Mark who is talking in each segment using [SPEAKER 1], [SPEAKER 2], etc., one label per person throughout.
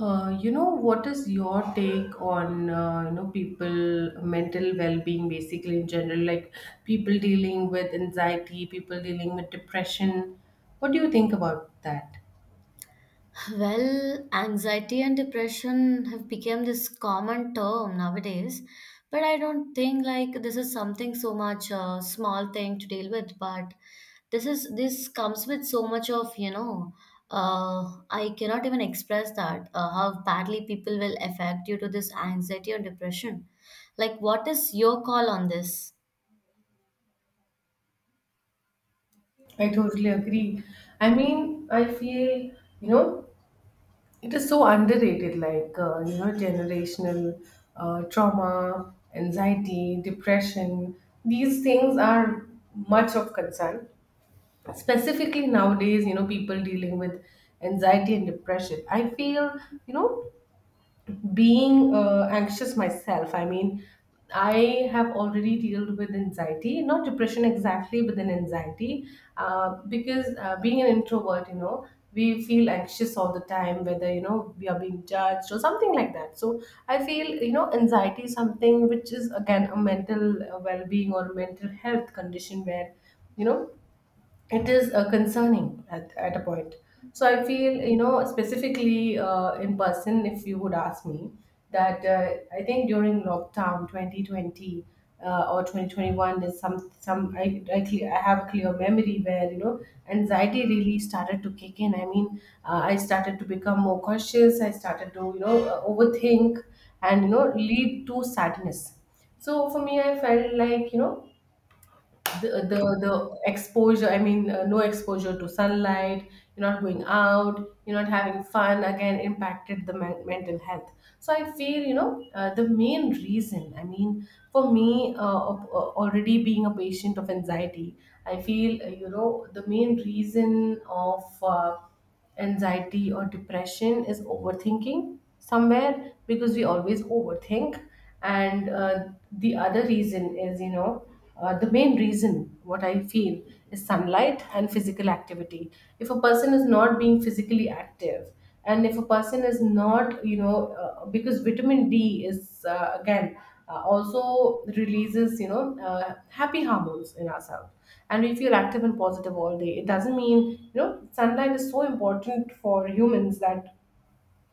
[SPEAKER 1] What is your take on people mental well-being basically in general, like people dealing with anxiety, people dealing with depression? What do you think about that?
[SPEAKER 2] Well, anxiety and depression have become this common term nowadays, but I don't think like this is something so much small thing to deal with. But this comes with so much of you know, I cannot even express that how badly people will affect due to this anxiety or depression. Like, what is your call on this?
[SPEAKER 1] I totally agree. I mean, I feel, you know, it is so underrated, generational trauma, anxiety, depression. These things are much of concern, specifically nowadays. People dealing with anxiety and depression, I feel, you know being anxious myself, I mean, I have already dealt with anxiety, not depression exactly, but then anxiety because being an introvert, we feel anxious all the time, whether we are being judged or something like that. So I feel, anxiety is something which is again a mental well-being or mental health condition where, you know it is concerning at a point. So I feel, specifically in person, if you would ask me, that I think during lockdown 2020 or 2021, there's some I have a clear memory where, anxiety really started to kick in. I mean, I started to become more cautious, I started to overthink and lead to sadness. So for me, I felt like, the exposure, I mean, no exposure to sunlight. You're not going out, you're not having fun, again impacted the mental health. So I feel, the main reason, I mean for me, already being a patient of anxiety, I feel, the main reason of anxiety or depression is overthinking somewhere, because we always overthink. And the other reason is, the main reason, what I feel, is sunlight and physical activity. If a person is not being physically active, and if a person is not, because vitamin D is, again, also releases, happy hormones in ourselves, and we feel active and positive all day. It doesn't mean, sunlight is so important for humans that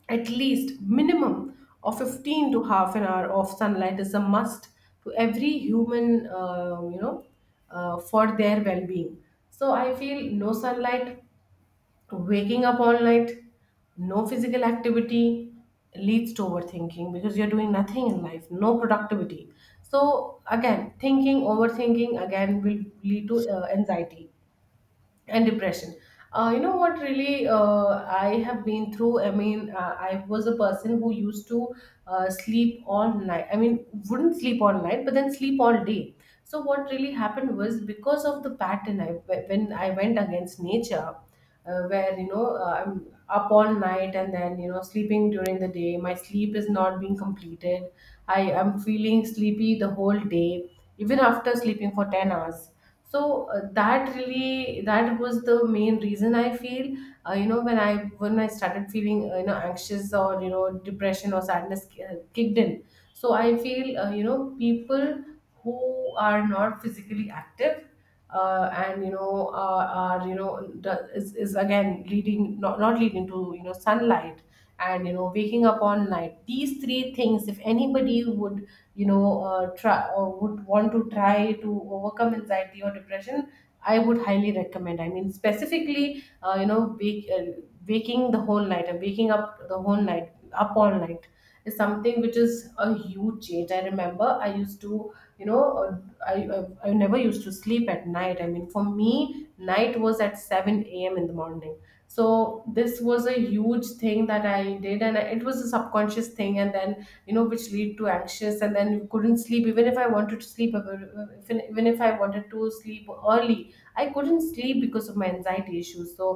[SPEAKER 1] at least minimum of 15 to half an hour of sunlight is a must to every human, for their well-being. So I feel, no sunlight, waking up all night, no physical activity leads to overthinking, because you're doing nothing in life, no productivity. So again, thinking, overthinking again will lead to anxiety and depression. What, really, I have been through. I mean, I was a person who used to sleep all night. I mean, wouldn't sleep all night, but then sleep all day. So what really happened was, because of the pattern, when I went against nature, where, I'm up all night and then, sleeping during the day, my sleep is not being completed. I am feeling sleepy the whole day, even after sleeping for 10 hours. So that really, that was the main reason, I feel, uh, you know when i when I started feeling, anxious, or, depression or sadness kicked in. So I feel, people who are not physically active, and you know are, the, is again leading, not leading to, sunlight, and, waking up all night, these three things, if anybody would, try or would want to try to overcome anxiety or depression, I would highly recommend. I mean specifically, waking the whole night and waking up the whole night up all night is something which is a huge change. I remember I used to, you know I, I I never used to sleep at night. I mean, for me, night was at 7 a.m. in the morning. So this was a huge thing that I did, and it was a subconscious thing, and then, you know, which lead to anxious, and then you couldn't sleep. Even if I wanted to sleep, even if I wanted to sleep early, I couldn't sleep because of my anxiety issues. So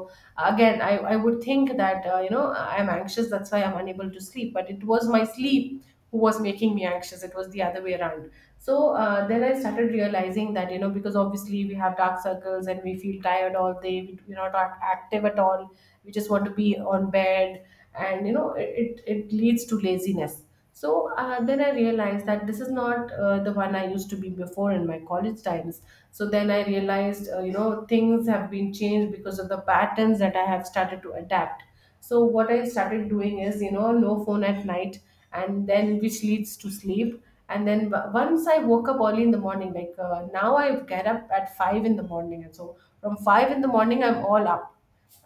[SPEAKER 1] again, I would think that, I'm anxious, that's why I'm unable to sleep. But it was my sleep who was making me anxious. It was the other way around. So then I started realizing that, you know, because obviously we have dark circles and we feel tired all day, we're not act- active at all, we just want to be on bed, and you know it leads to laziness. So then I realized that this is not, the one I used to be before, in my college times. So then I realized, things have been changed because of the patterns that I have started to adapt. So what I started doing is, you know, no phone at night, and then which leads to sleep. And then once I woke up early in the morning, like, now I get up at 5 in the morning, and so from 5 in the morning I'm all up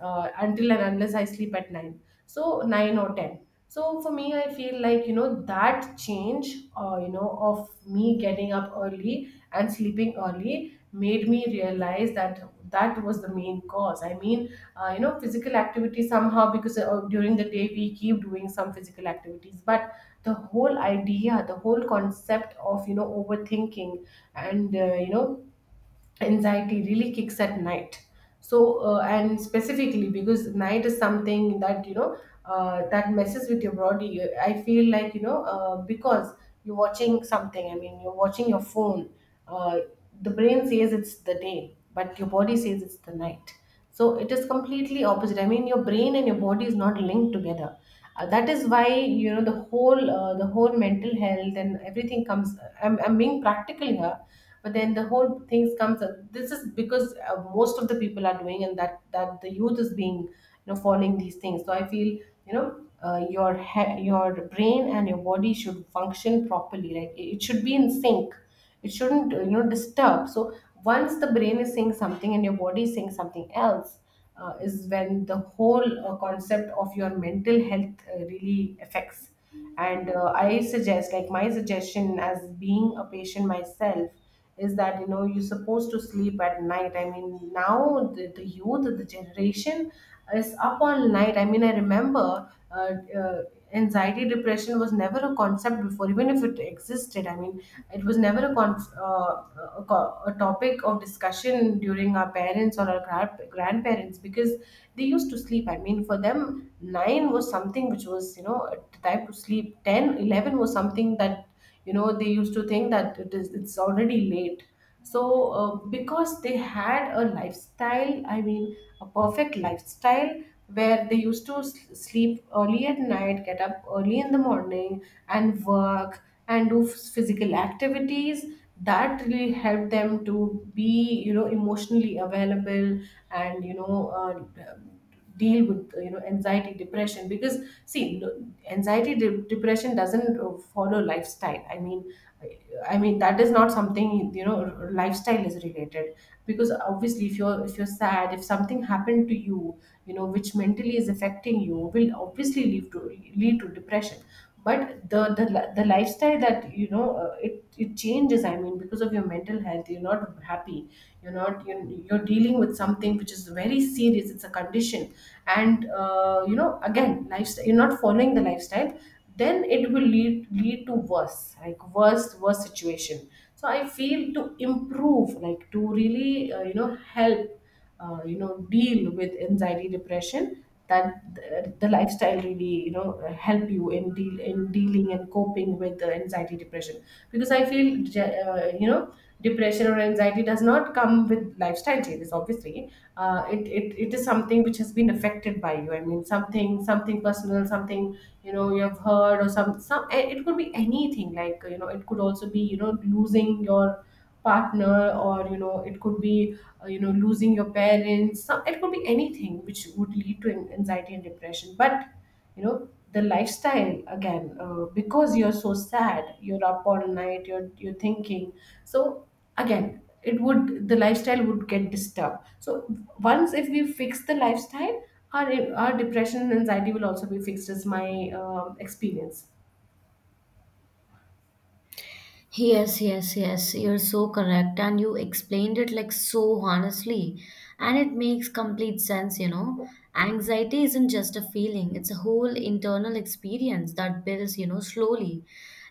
[SPEAKER 1] until and unless I sleep at 9. So 9 or 10. So for me, I feel like, you know, that change, of me getting up early and sleeping early, made me realize that that was the main cause. I mean, physical activity somehow, because during the day we keep doing some physical activities, but the whole idea, the whole concept of, you know, overthinking, and, uh, you know, anxiety really kicks at night. So and specifically because night is something that, that messes with your body. I feel like, because you're watching something, I mean you're watching your phone, uh, the brain says it's the day, but your body says it's the night. So it is completely opposite, I mean your brain and your body is not linked together. That is why, you know, the whole mental health and everything comes. I'm being practical here, but then the whole things comes, this is because most of the people are doing, and that the youth is being, you know, following these things. So I feel, you know your brain and your body should function properly, like it should be in sync. It shouldn't, disturb. So once the brain is saying something and your body is saying something else, is when the whole concept of your mental health really affects. And I suggest, like my suggestion, as being a patient myself, is that, you know, you're supposed to sleep at night. I mean now the youth, the generation, is up all night. I mean I remember, uh, anxiety depression was never a concept before, even if it existed, I mean it was never a, con- a, co- a topic of discussion during our parents or our grandparents, because they used to sleep. I mean for them, 9 was something which was, you know, a time to sleep. 10, 11 was something that, you know, they used to think that it's already late. So because they had a lifestyle, I mean a perfect lifestyle where they used to sleep early at night, get up early in the morning, and work, and do physical activities. That really helped them to be, you know, emotionally available, and, deal with, anxiety depression. Because see, anxiety depression doesn't follow lifestyle, I mean, i I mean that is not something, lifestyle is related, because obviously if you're sad, if something happened to you, you know, which mentally is affecting, you will obviously lead to depression. But the lifestyle that, it changes, I mean, because of your mental health you're not happy, you're not you're dealing with something which is very serious, it's a condition. And again, lifestyle, you're not following the lifestyle, then it will lead to worse, like worse situation. So I feel, to improve, like, to really, help, deal with anxiety depression, that the lifestyle really, you know, help you in dealing and coping with the anxiety depression. Because I feel, depression or anxiety does not come with lifestyle changes, obviously. It is something which has been affected by you, I mean something personal, something you know, you have heard, or some, it could be anything, like, you know, it could also be, you know, losing your partner Or you know it could be you know losing your parents some it could be anything which would lead to anxiety and depression. But you know the lifestyle again, because you're so sad, you're up all night, you're thinking, so again it would the lifestyle would get disturbed. So once if we fix the lifestyle, our depression and anxiety will also be fixed, as my experience.
[SPEAKER 2] Yes, yes, yes, you're so correct. And you explained it like so honestly. And it makes complete sense, you know. Anxiety isn't just a feeling, it's a whole internal experience that builds, you know, slowly,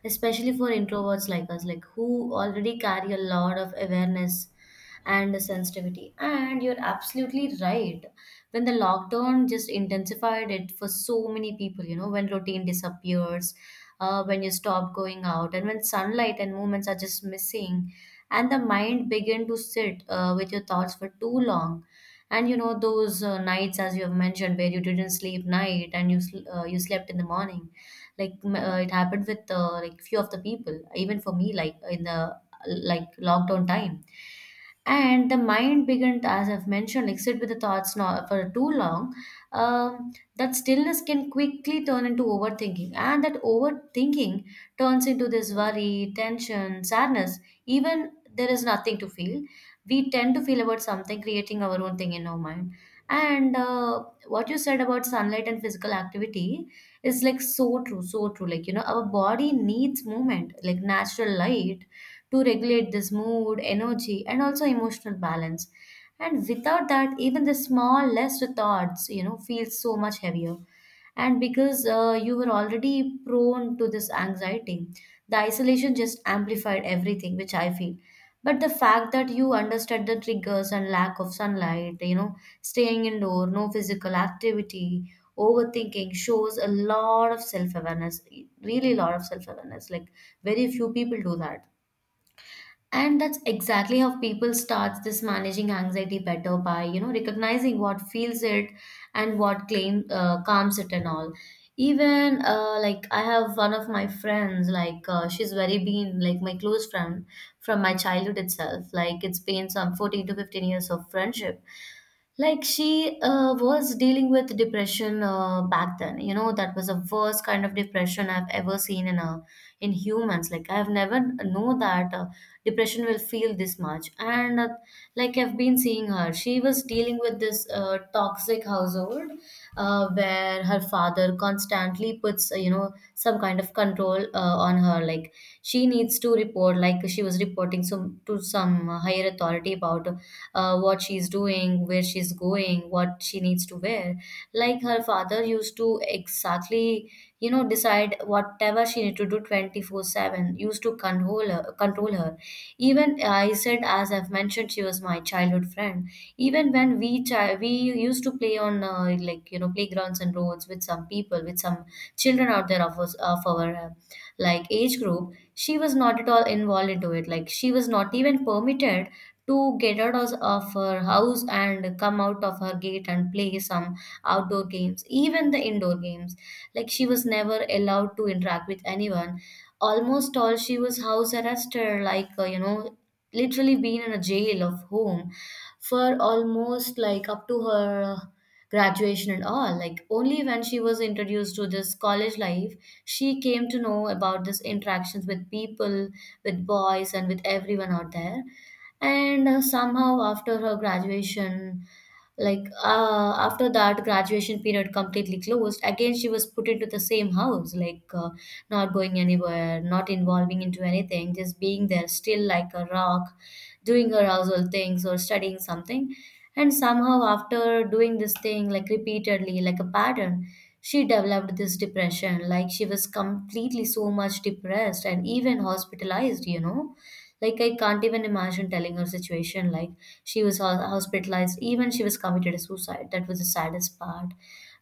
[SPEAKER 2] especially for introverts like us, like who already carry a lot of awareness and sensitivity. And you're absolutely right. When the lockdown just intensified it for so many people, you know, when routine disappears, when you stop going out and when sunlight and movements are just missing, and the mind begin to sit with your thoughts for too long. And you know those nights as you have mentioned, where you didn't sleep night and you you slept in the morning, like it happened with like few of the people, even for me, like in the like lockdown time. And the mind began, as I've mentioned, like sit with the thoughts now for too long. That stillness can quickly turn into overthinking, and that overthinking turns into this worry, tension, sadness, even there is nothing to feel. We tend to feel about something, creating our own thing in our mind. And what you said about sunlight and physical activity is like so true, so true. Like you know, our body needs movement, like natural light, to regulate this mood, energy, and also emotional balance. And without that, even the small, less thoughts, you know, feel so much heavier. And because you were already prone to this anxiety, the isolation just amplified everything, which I feel. But the fact that you understood the triggers and lack of sunlight, you know, staying indoor, no physical activity, overthinking shows a lot of self awareness, really, a lot of self awareness. Like, very few people do that, and that's exactly how people starts this managing anxiety better, by you know, recognizing what feels it and what claim calms it and all. Even like I have one of my friends, like she's very been like my close friend from my childhood itself. Like it's been some 14 to 15 years of friendship. Like she was dealing with depression back then. You know, that was the worst kind of depression I've ever seen in a, in humans. Like I've never know that depression will feel this much. And like I've been seeing her, she was dealing with this toxic household, where her father constantly puts you know, some kind of control on her. Like she needs to report, like she was reporting some to some higher authority about what she's doing, where she's going, what she needs to wear. Like her father used to exactly, you know, decide whatever she need to do 24/7, used to control her, even. I said, as I've mentioned, she was my childhood friend. Even when we we used to play on, like you know, playgrounds and roads with some people, with some children out there, of us, of our like age group, she was not at all involved into it. Like she was not even permitted to get out of her house and come out of her gate and play some outdoor games, even the indoor games. Like she was never allowed to interact with anyone. Almost all, she was house arrested, like you know, literally been in a jail of home for almost like up to her graduation and all. Like only when she was introduced to this college life, she came to know about this interactions with people, with boys and with everyone out there. And somehow after her graduation, like after that graduation period completely closed, again she was put into the same house, like not going anywhere, not involving into anything, just being there still like a rock, doing her household things or studying something. And somehow after doing this thing like repeatedly, like a pattern, she developed this depression. Like she was completely so much depressed and even hospitalized, you know. Like I can't even imagine telling her situation. Like she was hospitalized, even she was committed a suicide. That was the saddest part.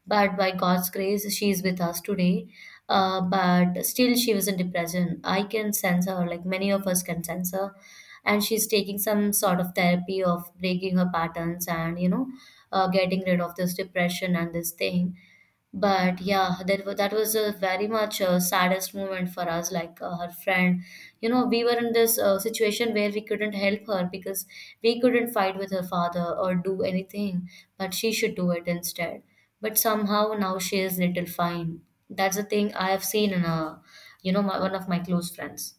[SPEAKER 2] But by God's grace, she is with us today. But still, she wasn't present. I can sense her, like many of us can sense her. And she's taking some sort of therapy of breaking her patterns, and, you know, getting rid of this depression and this thing. But yeah, that was a very much saddest moment for us. Like her friend, you know, we were in this situation where we couldn't help her because we couldn't fight with her father or do anything, but she should do it instead. But somehow now she is little fine. That's the thing I have seen in a, you know, one of my close friends.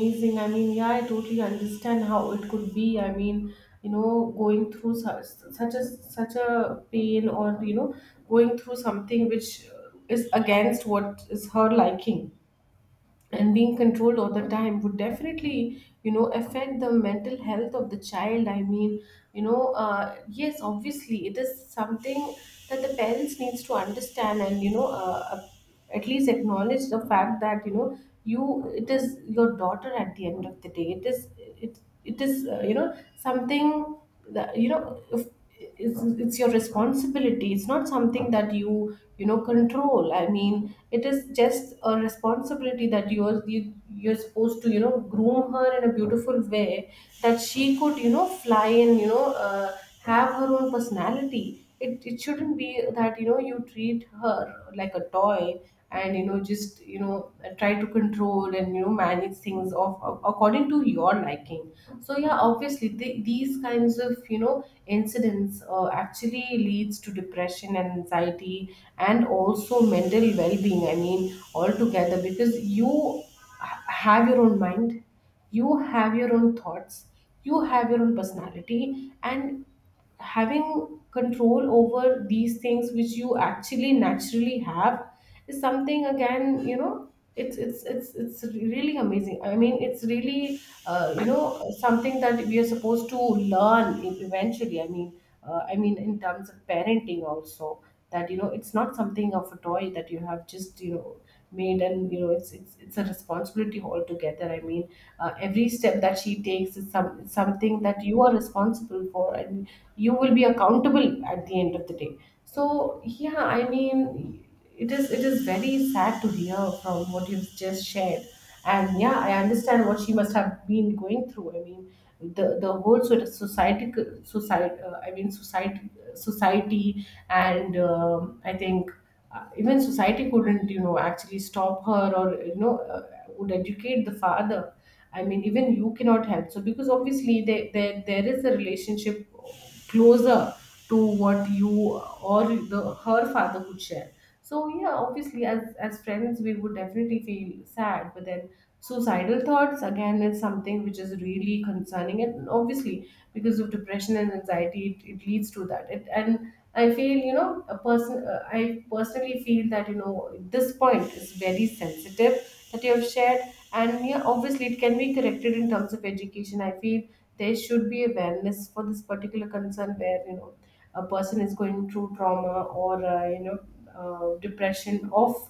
[SPEAKER 1] Amazing. I mean, yeah, I totally understand how it could be. I mean, you know, going through such a pain, or you know, going through something which is against what is her liking and being controlled all the time would definitely you know affect the mental health of the child. I mean, you know, yes, obviously it is something that the parents needs to understand. And you know, at least acknowledge the fact that you know, you it is your daughter at the end of the day. It is it is, you know, something that you know, if it's your responsibility, it's not something that you know control. I mean, it is just a responsibility that you're supposed to you know groom her in a beautiful way that she could you know fly, and you know have her own personality. It shouldn't be that you know you treat her like a toy, and you know just you know try to control and you know manage things of according to your liking. So yeah, obviously these kinds of you know incidents actually leads to depression and anxiety and also mental well-being, I mean altogether, because you have your own mind, you have your own thoughts, you have your own personality, and having control over these things which you actually naturally have is something. Again, you know, it's really amazing. I mean, it's really you know something that we are supposed to learn eventually. I mean, I mean in terms of parenting also, that you know it's not something of a toy that you have just you know made, and you know it's a responsibility altogether. I mean, every step that she takes is something that you are responsible for, and you will be accountable at the end of the day. So yeah, I mean, it is very sad to hear from what you've just shared. And yeah, I understand what she must have been going through. I mean, the whole sort of society, society, I mean society, society, and I think even society couldn't you know actually stop her, or you know would educate the father. I mean, even you cannot help so, because obviously there is a relationship closer to what you or the her father could share. So yeah, obviously as friends we would definitely feel sad, but then suicidal thoughts again is something which is really concerning, and obviously because of depression and anxiety it leads to that it. And I feel you know a person, I personally feel that you know this point is very sensitive, that you have shared. And yeah, obviously it can be corrected in terms of education, I feel. There should be awareness for this particular concern where you know a person is going through trauma, or you know depression of,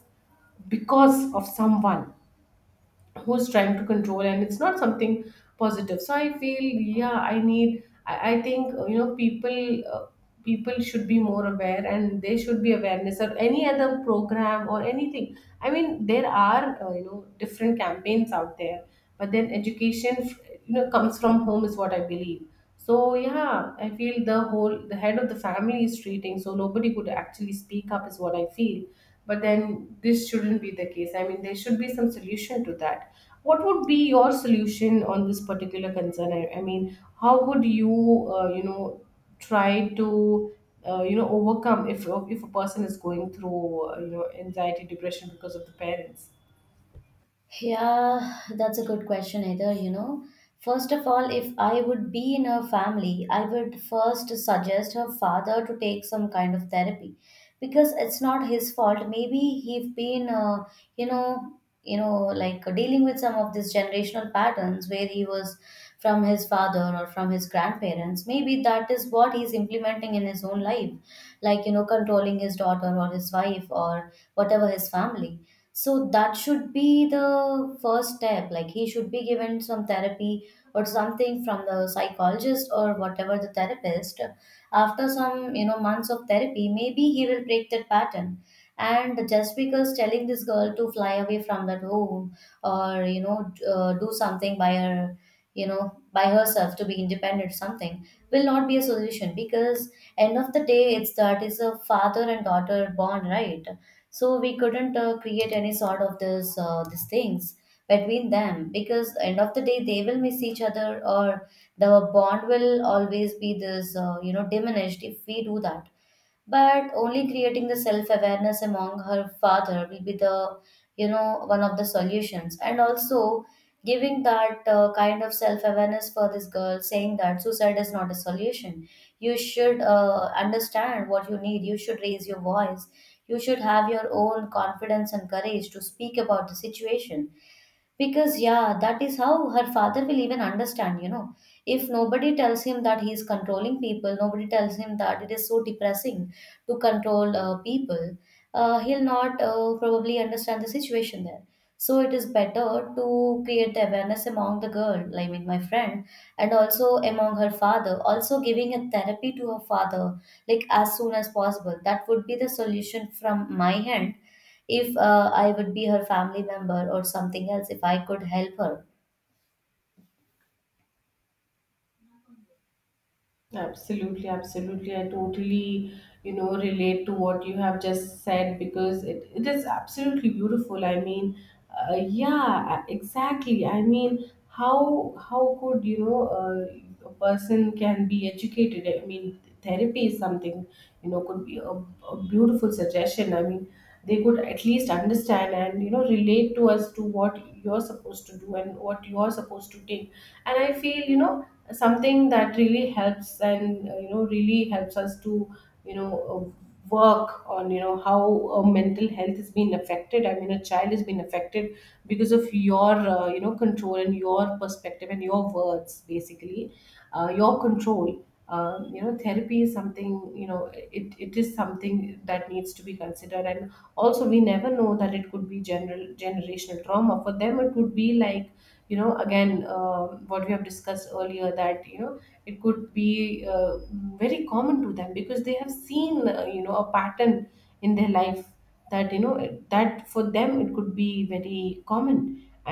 [SPEAKER 1] because of someone who's trying to control, and it's not something positive. So I feel, yeah, I think you know people should be more aware, and there should be awareness of any other program or anything. I mean, there are you know different campaigns out there, but then education, you know, comes from home, is what I believe. So yeah, I feel the whole the head of the family is treating, so nobody could actually speak up, is what I feel. But then this shouldn't be the case. I mean, there should be some solution to that. What would be your solution on this particular concern? I mean, how would you, you know, try to, you know, overcome if a person is going through, you know, anxiety, depression because of the parents?
[SPEAKER 2] Yeah, that's a good question, either, you know. First of all, if I would be in her family, I would first suggest her father to take some kind of therapy because it's not his fault. Maybe he's been, you know, like dealing with some of these generational patterns where he was from his father or from his grandparents. Maybe that is what he's implementing in his own life, like, you know, controlling his daughter or his wife or whatever his family. So that should be the first step. Like he should be given some therapy or something from the psychologist or whatever the therapist. After some, you know, months of therapy, maybe he will break that pattern. And just because telling this girl to fly away from that home or, you know, do something by her, you know, by herself to be independent, something will not be a solution because end of the day, it's that is a father and daughter bond, right? So we couldn't create any sort of this, these things between them, because end of the day they will miss each other, or the bond will always be this you know, diminished if we do that. But only creating the self awareness among her father will be the, you know, one of the solutions. And also giving that kind of self awareness for this girl, saying that suicide is not a solution. You should understand what you need, you should raise your voice, you should have your own confidence and courage to speak about the situation. Because, yeah, that is how her father will even understand, you know. If nobody tells him that he is controlling people, nobody tells him that it is so depressing to control people, he'll not probably understand the situation there. So it is better to create the awareness among the girl, I mean, my friend, and also among her father, also giving a therapy to her father, like as soon as possible. That would be the solution from my hand, if I would be her family member or something else, if I could help her.
[SPEAKER 1] Absolutely, absolutely. I totally, you know, relate to what you have just said, because it is absolutely beautiful. I mean, yeah, exactly. I mean, how could you know a person can be educated? I mean, therapy is something you know could be a beautiful suggestion. I mean, they could at least understand and you know relate to us to what you're supposed to do and what you're supposed to take. And I feel you know something that really helps, and you know really helps us to you know work on you know how mental health has been affected, I mean a child has been affected because of your you know control and your perspective and your words, basically, your control. You know, therapy is something, you know, it is something that needs to be considered. And also we never know that it could be general generational trauma for them. It could be like, you know, again, what we have discussed earlier, that you know it could be very common to them because they have seen, you know, a pattern in their life, that you know it- that for them it could be very common,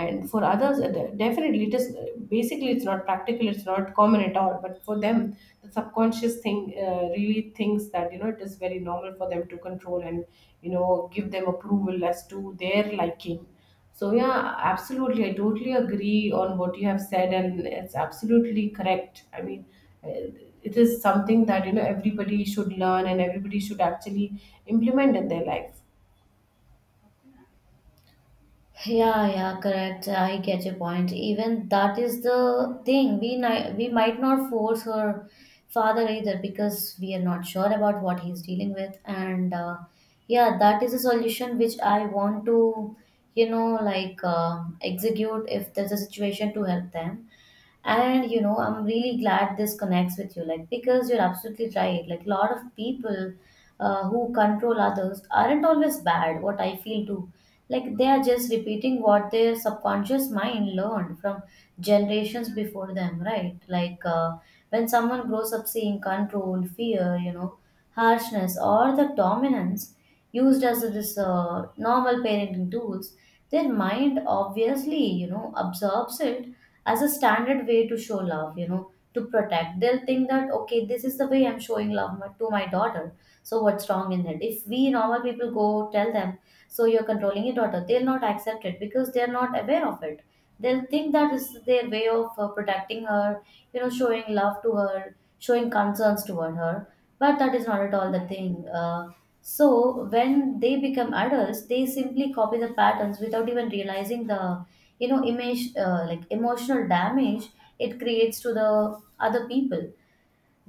[SPEAKER 1] and for others definitely it is, basically it's not practical, it's not common at all, but for them the subconscious thing really thinks that you know it is very normal for them to control, and you know give them approval as to their liking. So yeah, absolutely. I totally agree on what you have said, and it's absolutely correct. I mean, eh, it is something that you know everybody should learn and everybody should actually implement in their life.
[SPEAKER 2] Yeah, yeah, correct. I get your point. Even that is the thing. We we might not force her father either, because we are not sure about what he's dealing with. And yeah, that is a solution which I want to, you know, like execute if there's a situation to help them. And you know, I'm really glad this connects with you, like, because you're absolutely right. Like a lot of people who control others aren't always bad. What I feel too, like they are just repeating what their subconscious mind learned from generations before them, right? Like when someone grows up seeing control, fear, you know, harshness, or the dominance used as this normal parenting tools, their mind obviously, you know, absorbs it as a standard way to show love, you know, to protect. They'll think that, okay, this is the way I'm showing love to my daughter. So what's wrong in it? If we normal people go tell them, so you're controlling your daughter, they'll not accept it because they're not aware of it. They'll think that this is their way of protecting her, you know, showing love to her, showing concerns toward her. But that is not at all the thing. So when they become adults, they simply copy the patterns without even realizing the, you know, image, like emotional damage it creates to the other people.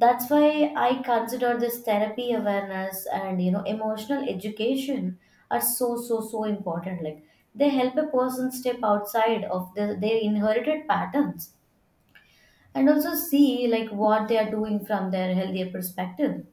[SPEAKER 2] That's why I consider this therapy, awareness, and you know, emotional education are so, so, so important. Like, they help a person step outside of their inherited patterns, and also see like what they are doing from their healthier perspective.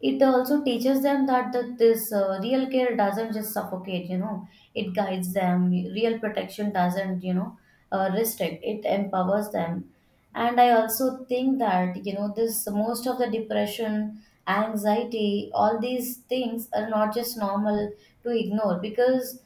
[SPEAKER 2] It also teaches them that this real care doesn't just suffocate, you know, it guides them. Real protection doesn't, you know, restrict, it empowers them. And I also think that, you know, this most of the depression, anxiety, all these things are not just normal to ignore. Because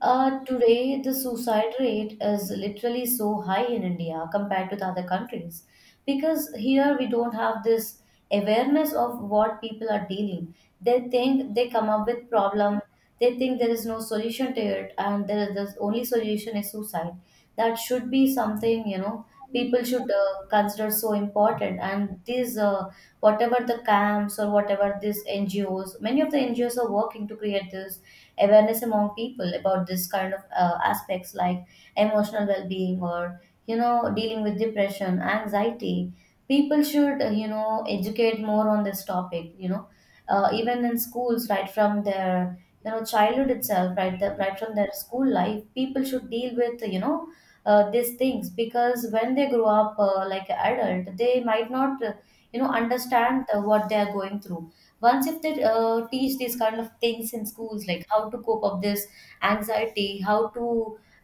[SPEAKER 2] today, the suicide rate is literally so high in India compared to the other countries, because here we don't have this awareness of what people are dealing. They think they come up with problem, they think there is no solution to it, and there is the only solution is suicide. That should be something, you know, people should consider so important. And these whatever the camps or whatever, these NGOs, many of the NGOs are working to create this awareness among people about this kind of aspects, like emotional well-being, or you know, dealing with depression, anxiety. People should, you know, educate more on this topic, you know, even in schools, right from their, you know, childhood itself. Right right from their school life, people should deal with, you know, these things. Because when they grow up like an adult, they might not, you know, understand what they are going through. Once if they teach these kind of things in schools, like how to cope up this anxiety, how to,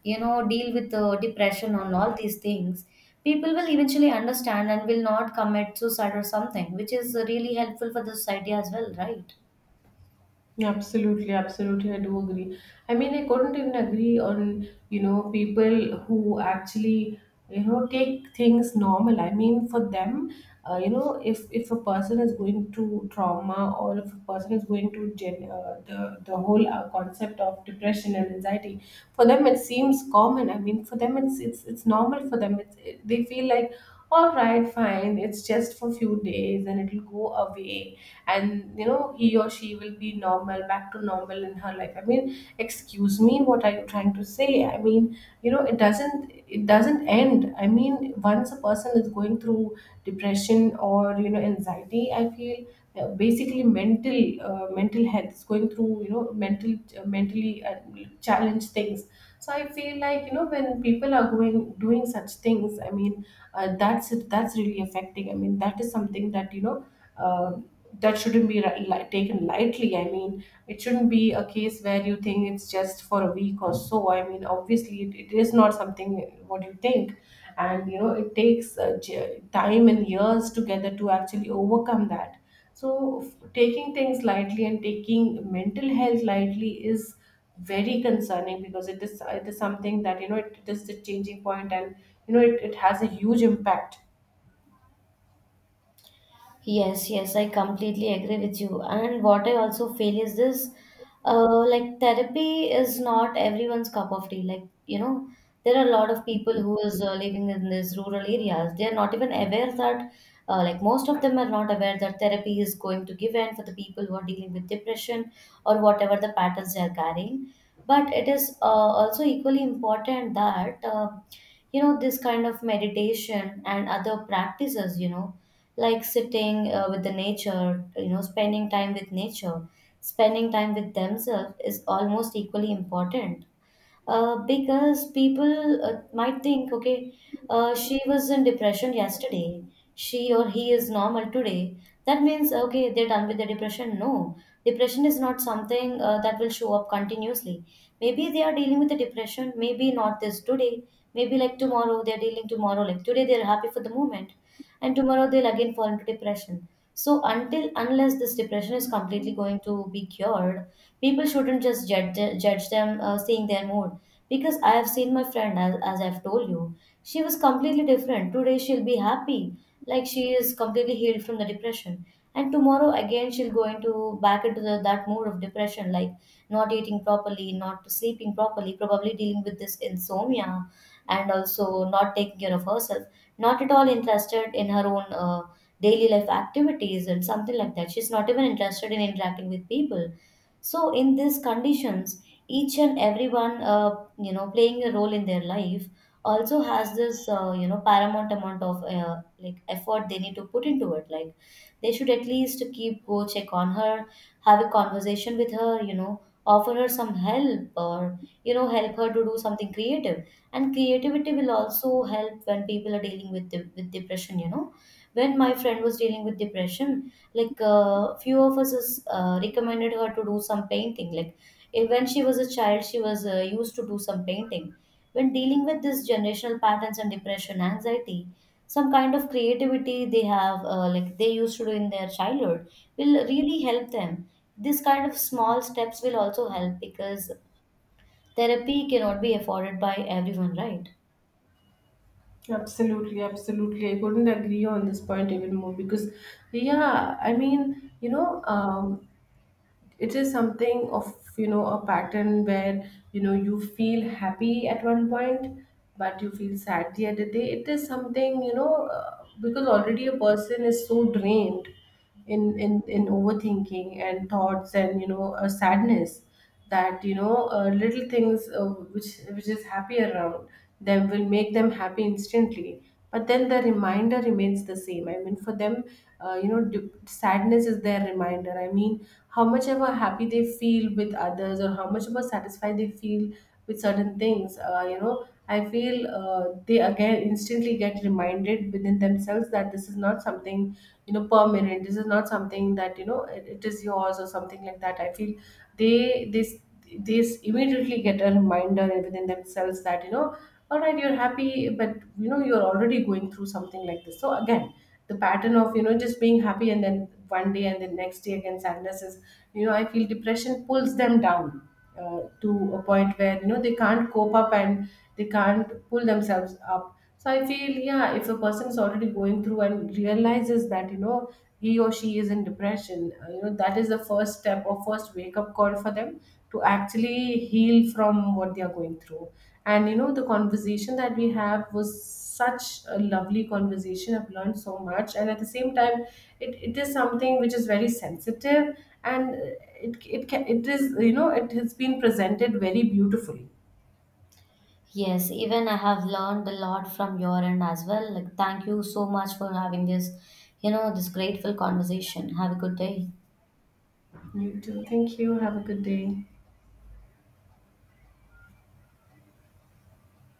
[SPEAKER 2] you know, deal with depression and all these things, people will eventually understand and will not commit suicide or something, which is really helpful for the society as well, right?
[SPEAKER 1] Absolutely, absolutely, I do agree. I mean, I couldn't even agree on, you know, people who actually, you know, take things normal. I mean, for them, you know, if a person is going to trauma, or if a person is going to the whole concept of depression and anxiety, for them it seems common. I mean, for them it's normal for them. It's, it, they feel like, all right, fine, it's just for few days and it'll go away, and you know he or she will be normal, back to normal in her life. I mean, excuse me, what are you trying to say? I mean, you know, it doesn't, it doesn't end. I mean, once a person is going through depression or you know anxiety, I feel, basically mental health is going through, you know, mental mentally challenged things. So I feel like, you know, when people are going doing such things, I mean, that's really affecting. I mean, that is something that you know, um that shouldn't be taken lightly. I mean, it shouldn't be a case where you think it's just for a week or so. I mean, obviously, it is not something what you think, and you know, it takes time and years together to actually overcome that. So, taking things lightly and taking mental health lightly is very concerning, because it is something that you know it is the changing point, and you know it has a huge impact.
[SPEAKER 2] Yes, yes, I completely agree with you. And what I also feel is this, like therapy is not everyone's cup of tea. Like, you know, there are a lot of people who is living in these rural areas. They are not even aware that, like most of them are not aware that therapy is going to give in for the people who are dealing with depression or whatever the patterns they are carrying. But it is, also equally important that, you know, this kind of meditation and other practices, you know, like sitting with the nature, you know, spending time with nature, spending time with themselves is almost equally important. Because people might think, okay, she was in depression yesterday. She or he is normal today. That means, okay, they're done with their depression. No, depression is not something that will show up continuously. Maybe they are dealing with the depression, maybe not this today, maybe like tomorrow, they're dealing tomorrow. Like today, they're happy for the moment, and tomorrow, they'll again fall into depression. So, until unless this depression is completely going to be cured, people shouldn't just judge, judge them seeing their mood. Because I have seen my friend, as I've told you, she was completely different. Today she'll be happy, like she is completely healed from the depression. And tomorrow again she'll go into back into that mode of depression, like not eating properly, not sleeping properly, probably dealing with this insomnia, and also not taking care of herself, not at all interested in her own daily life activities and something like that. She's not even interested in interacting with people. So in these conditions, each and everyone, you know, playing a role in their life also has this, you know, paramount amount of like effort they need to put into it. Like, they should at least keep go check on her, have a conversation with her, you know, offer her some help, or you know, help her to do something creative. And creativity will also help when people are dealing with with depression, you know. When my friend was dealing with depression, like few of us recommended her to do some painting. Like eh, when she was a child, she was used to do some painting. When dealing with this generational patterns and depression, anxiety, some kind of creativity they have, like they used to do in their childhood, will really help them. This kind of small steps will also help, because therapy cannot be afforded by everyone, right?
[SPEAKER 1] Absolutely, absolutely. I couldn't agree on this point even more, because yeah, I mean, you know, it is something of you know a pattern where you know you feel happy at one point, but you feel sad the other day. It is something, you know, because already a person is so drained in in overthinking and thoughts and you know sadness, that you know little things which is happy around them will make them happy instantly, but then the reminder remains the same. I mean, for them, you know sadness is their reminder. I mean, how much ever happy they feel with others, or how much ever satisfied they feel with certain things, you know, I feel they again instantly get reminded within themselves that this is not something, you know, permanent. This is not something that you know it is yours, or something like that, I feel. They this they immediately get a reminder within themselves that you know, all right, you're happy, but you know you're already going through something like this. So again, the pattern of you know just being happy and then one day and then next day again sadness is, you know, I feel depression pulls them down to a point where you know they can't cope up, and they can't pull themselves up. So I feel, yeah, if a person is already going through and realizes that, you know, he or she is in depression, you know, that is the first step or first wake up call for them to actually heal from what they are going through. And, you know, the conversation that we have was such a lovely conversation. I've learned so much. And at the same time, it is something which is very sensitive, and it is, you know, it has been presented very beautifully.
[SPEAKER 2] Yes, even I have learned a lot from your end as well. Like, thank you so much for having this, you know, this grateful conversation. Have a good day.
[SPEAKER 1] You too. Thank you. Have a good day.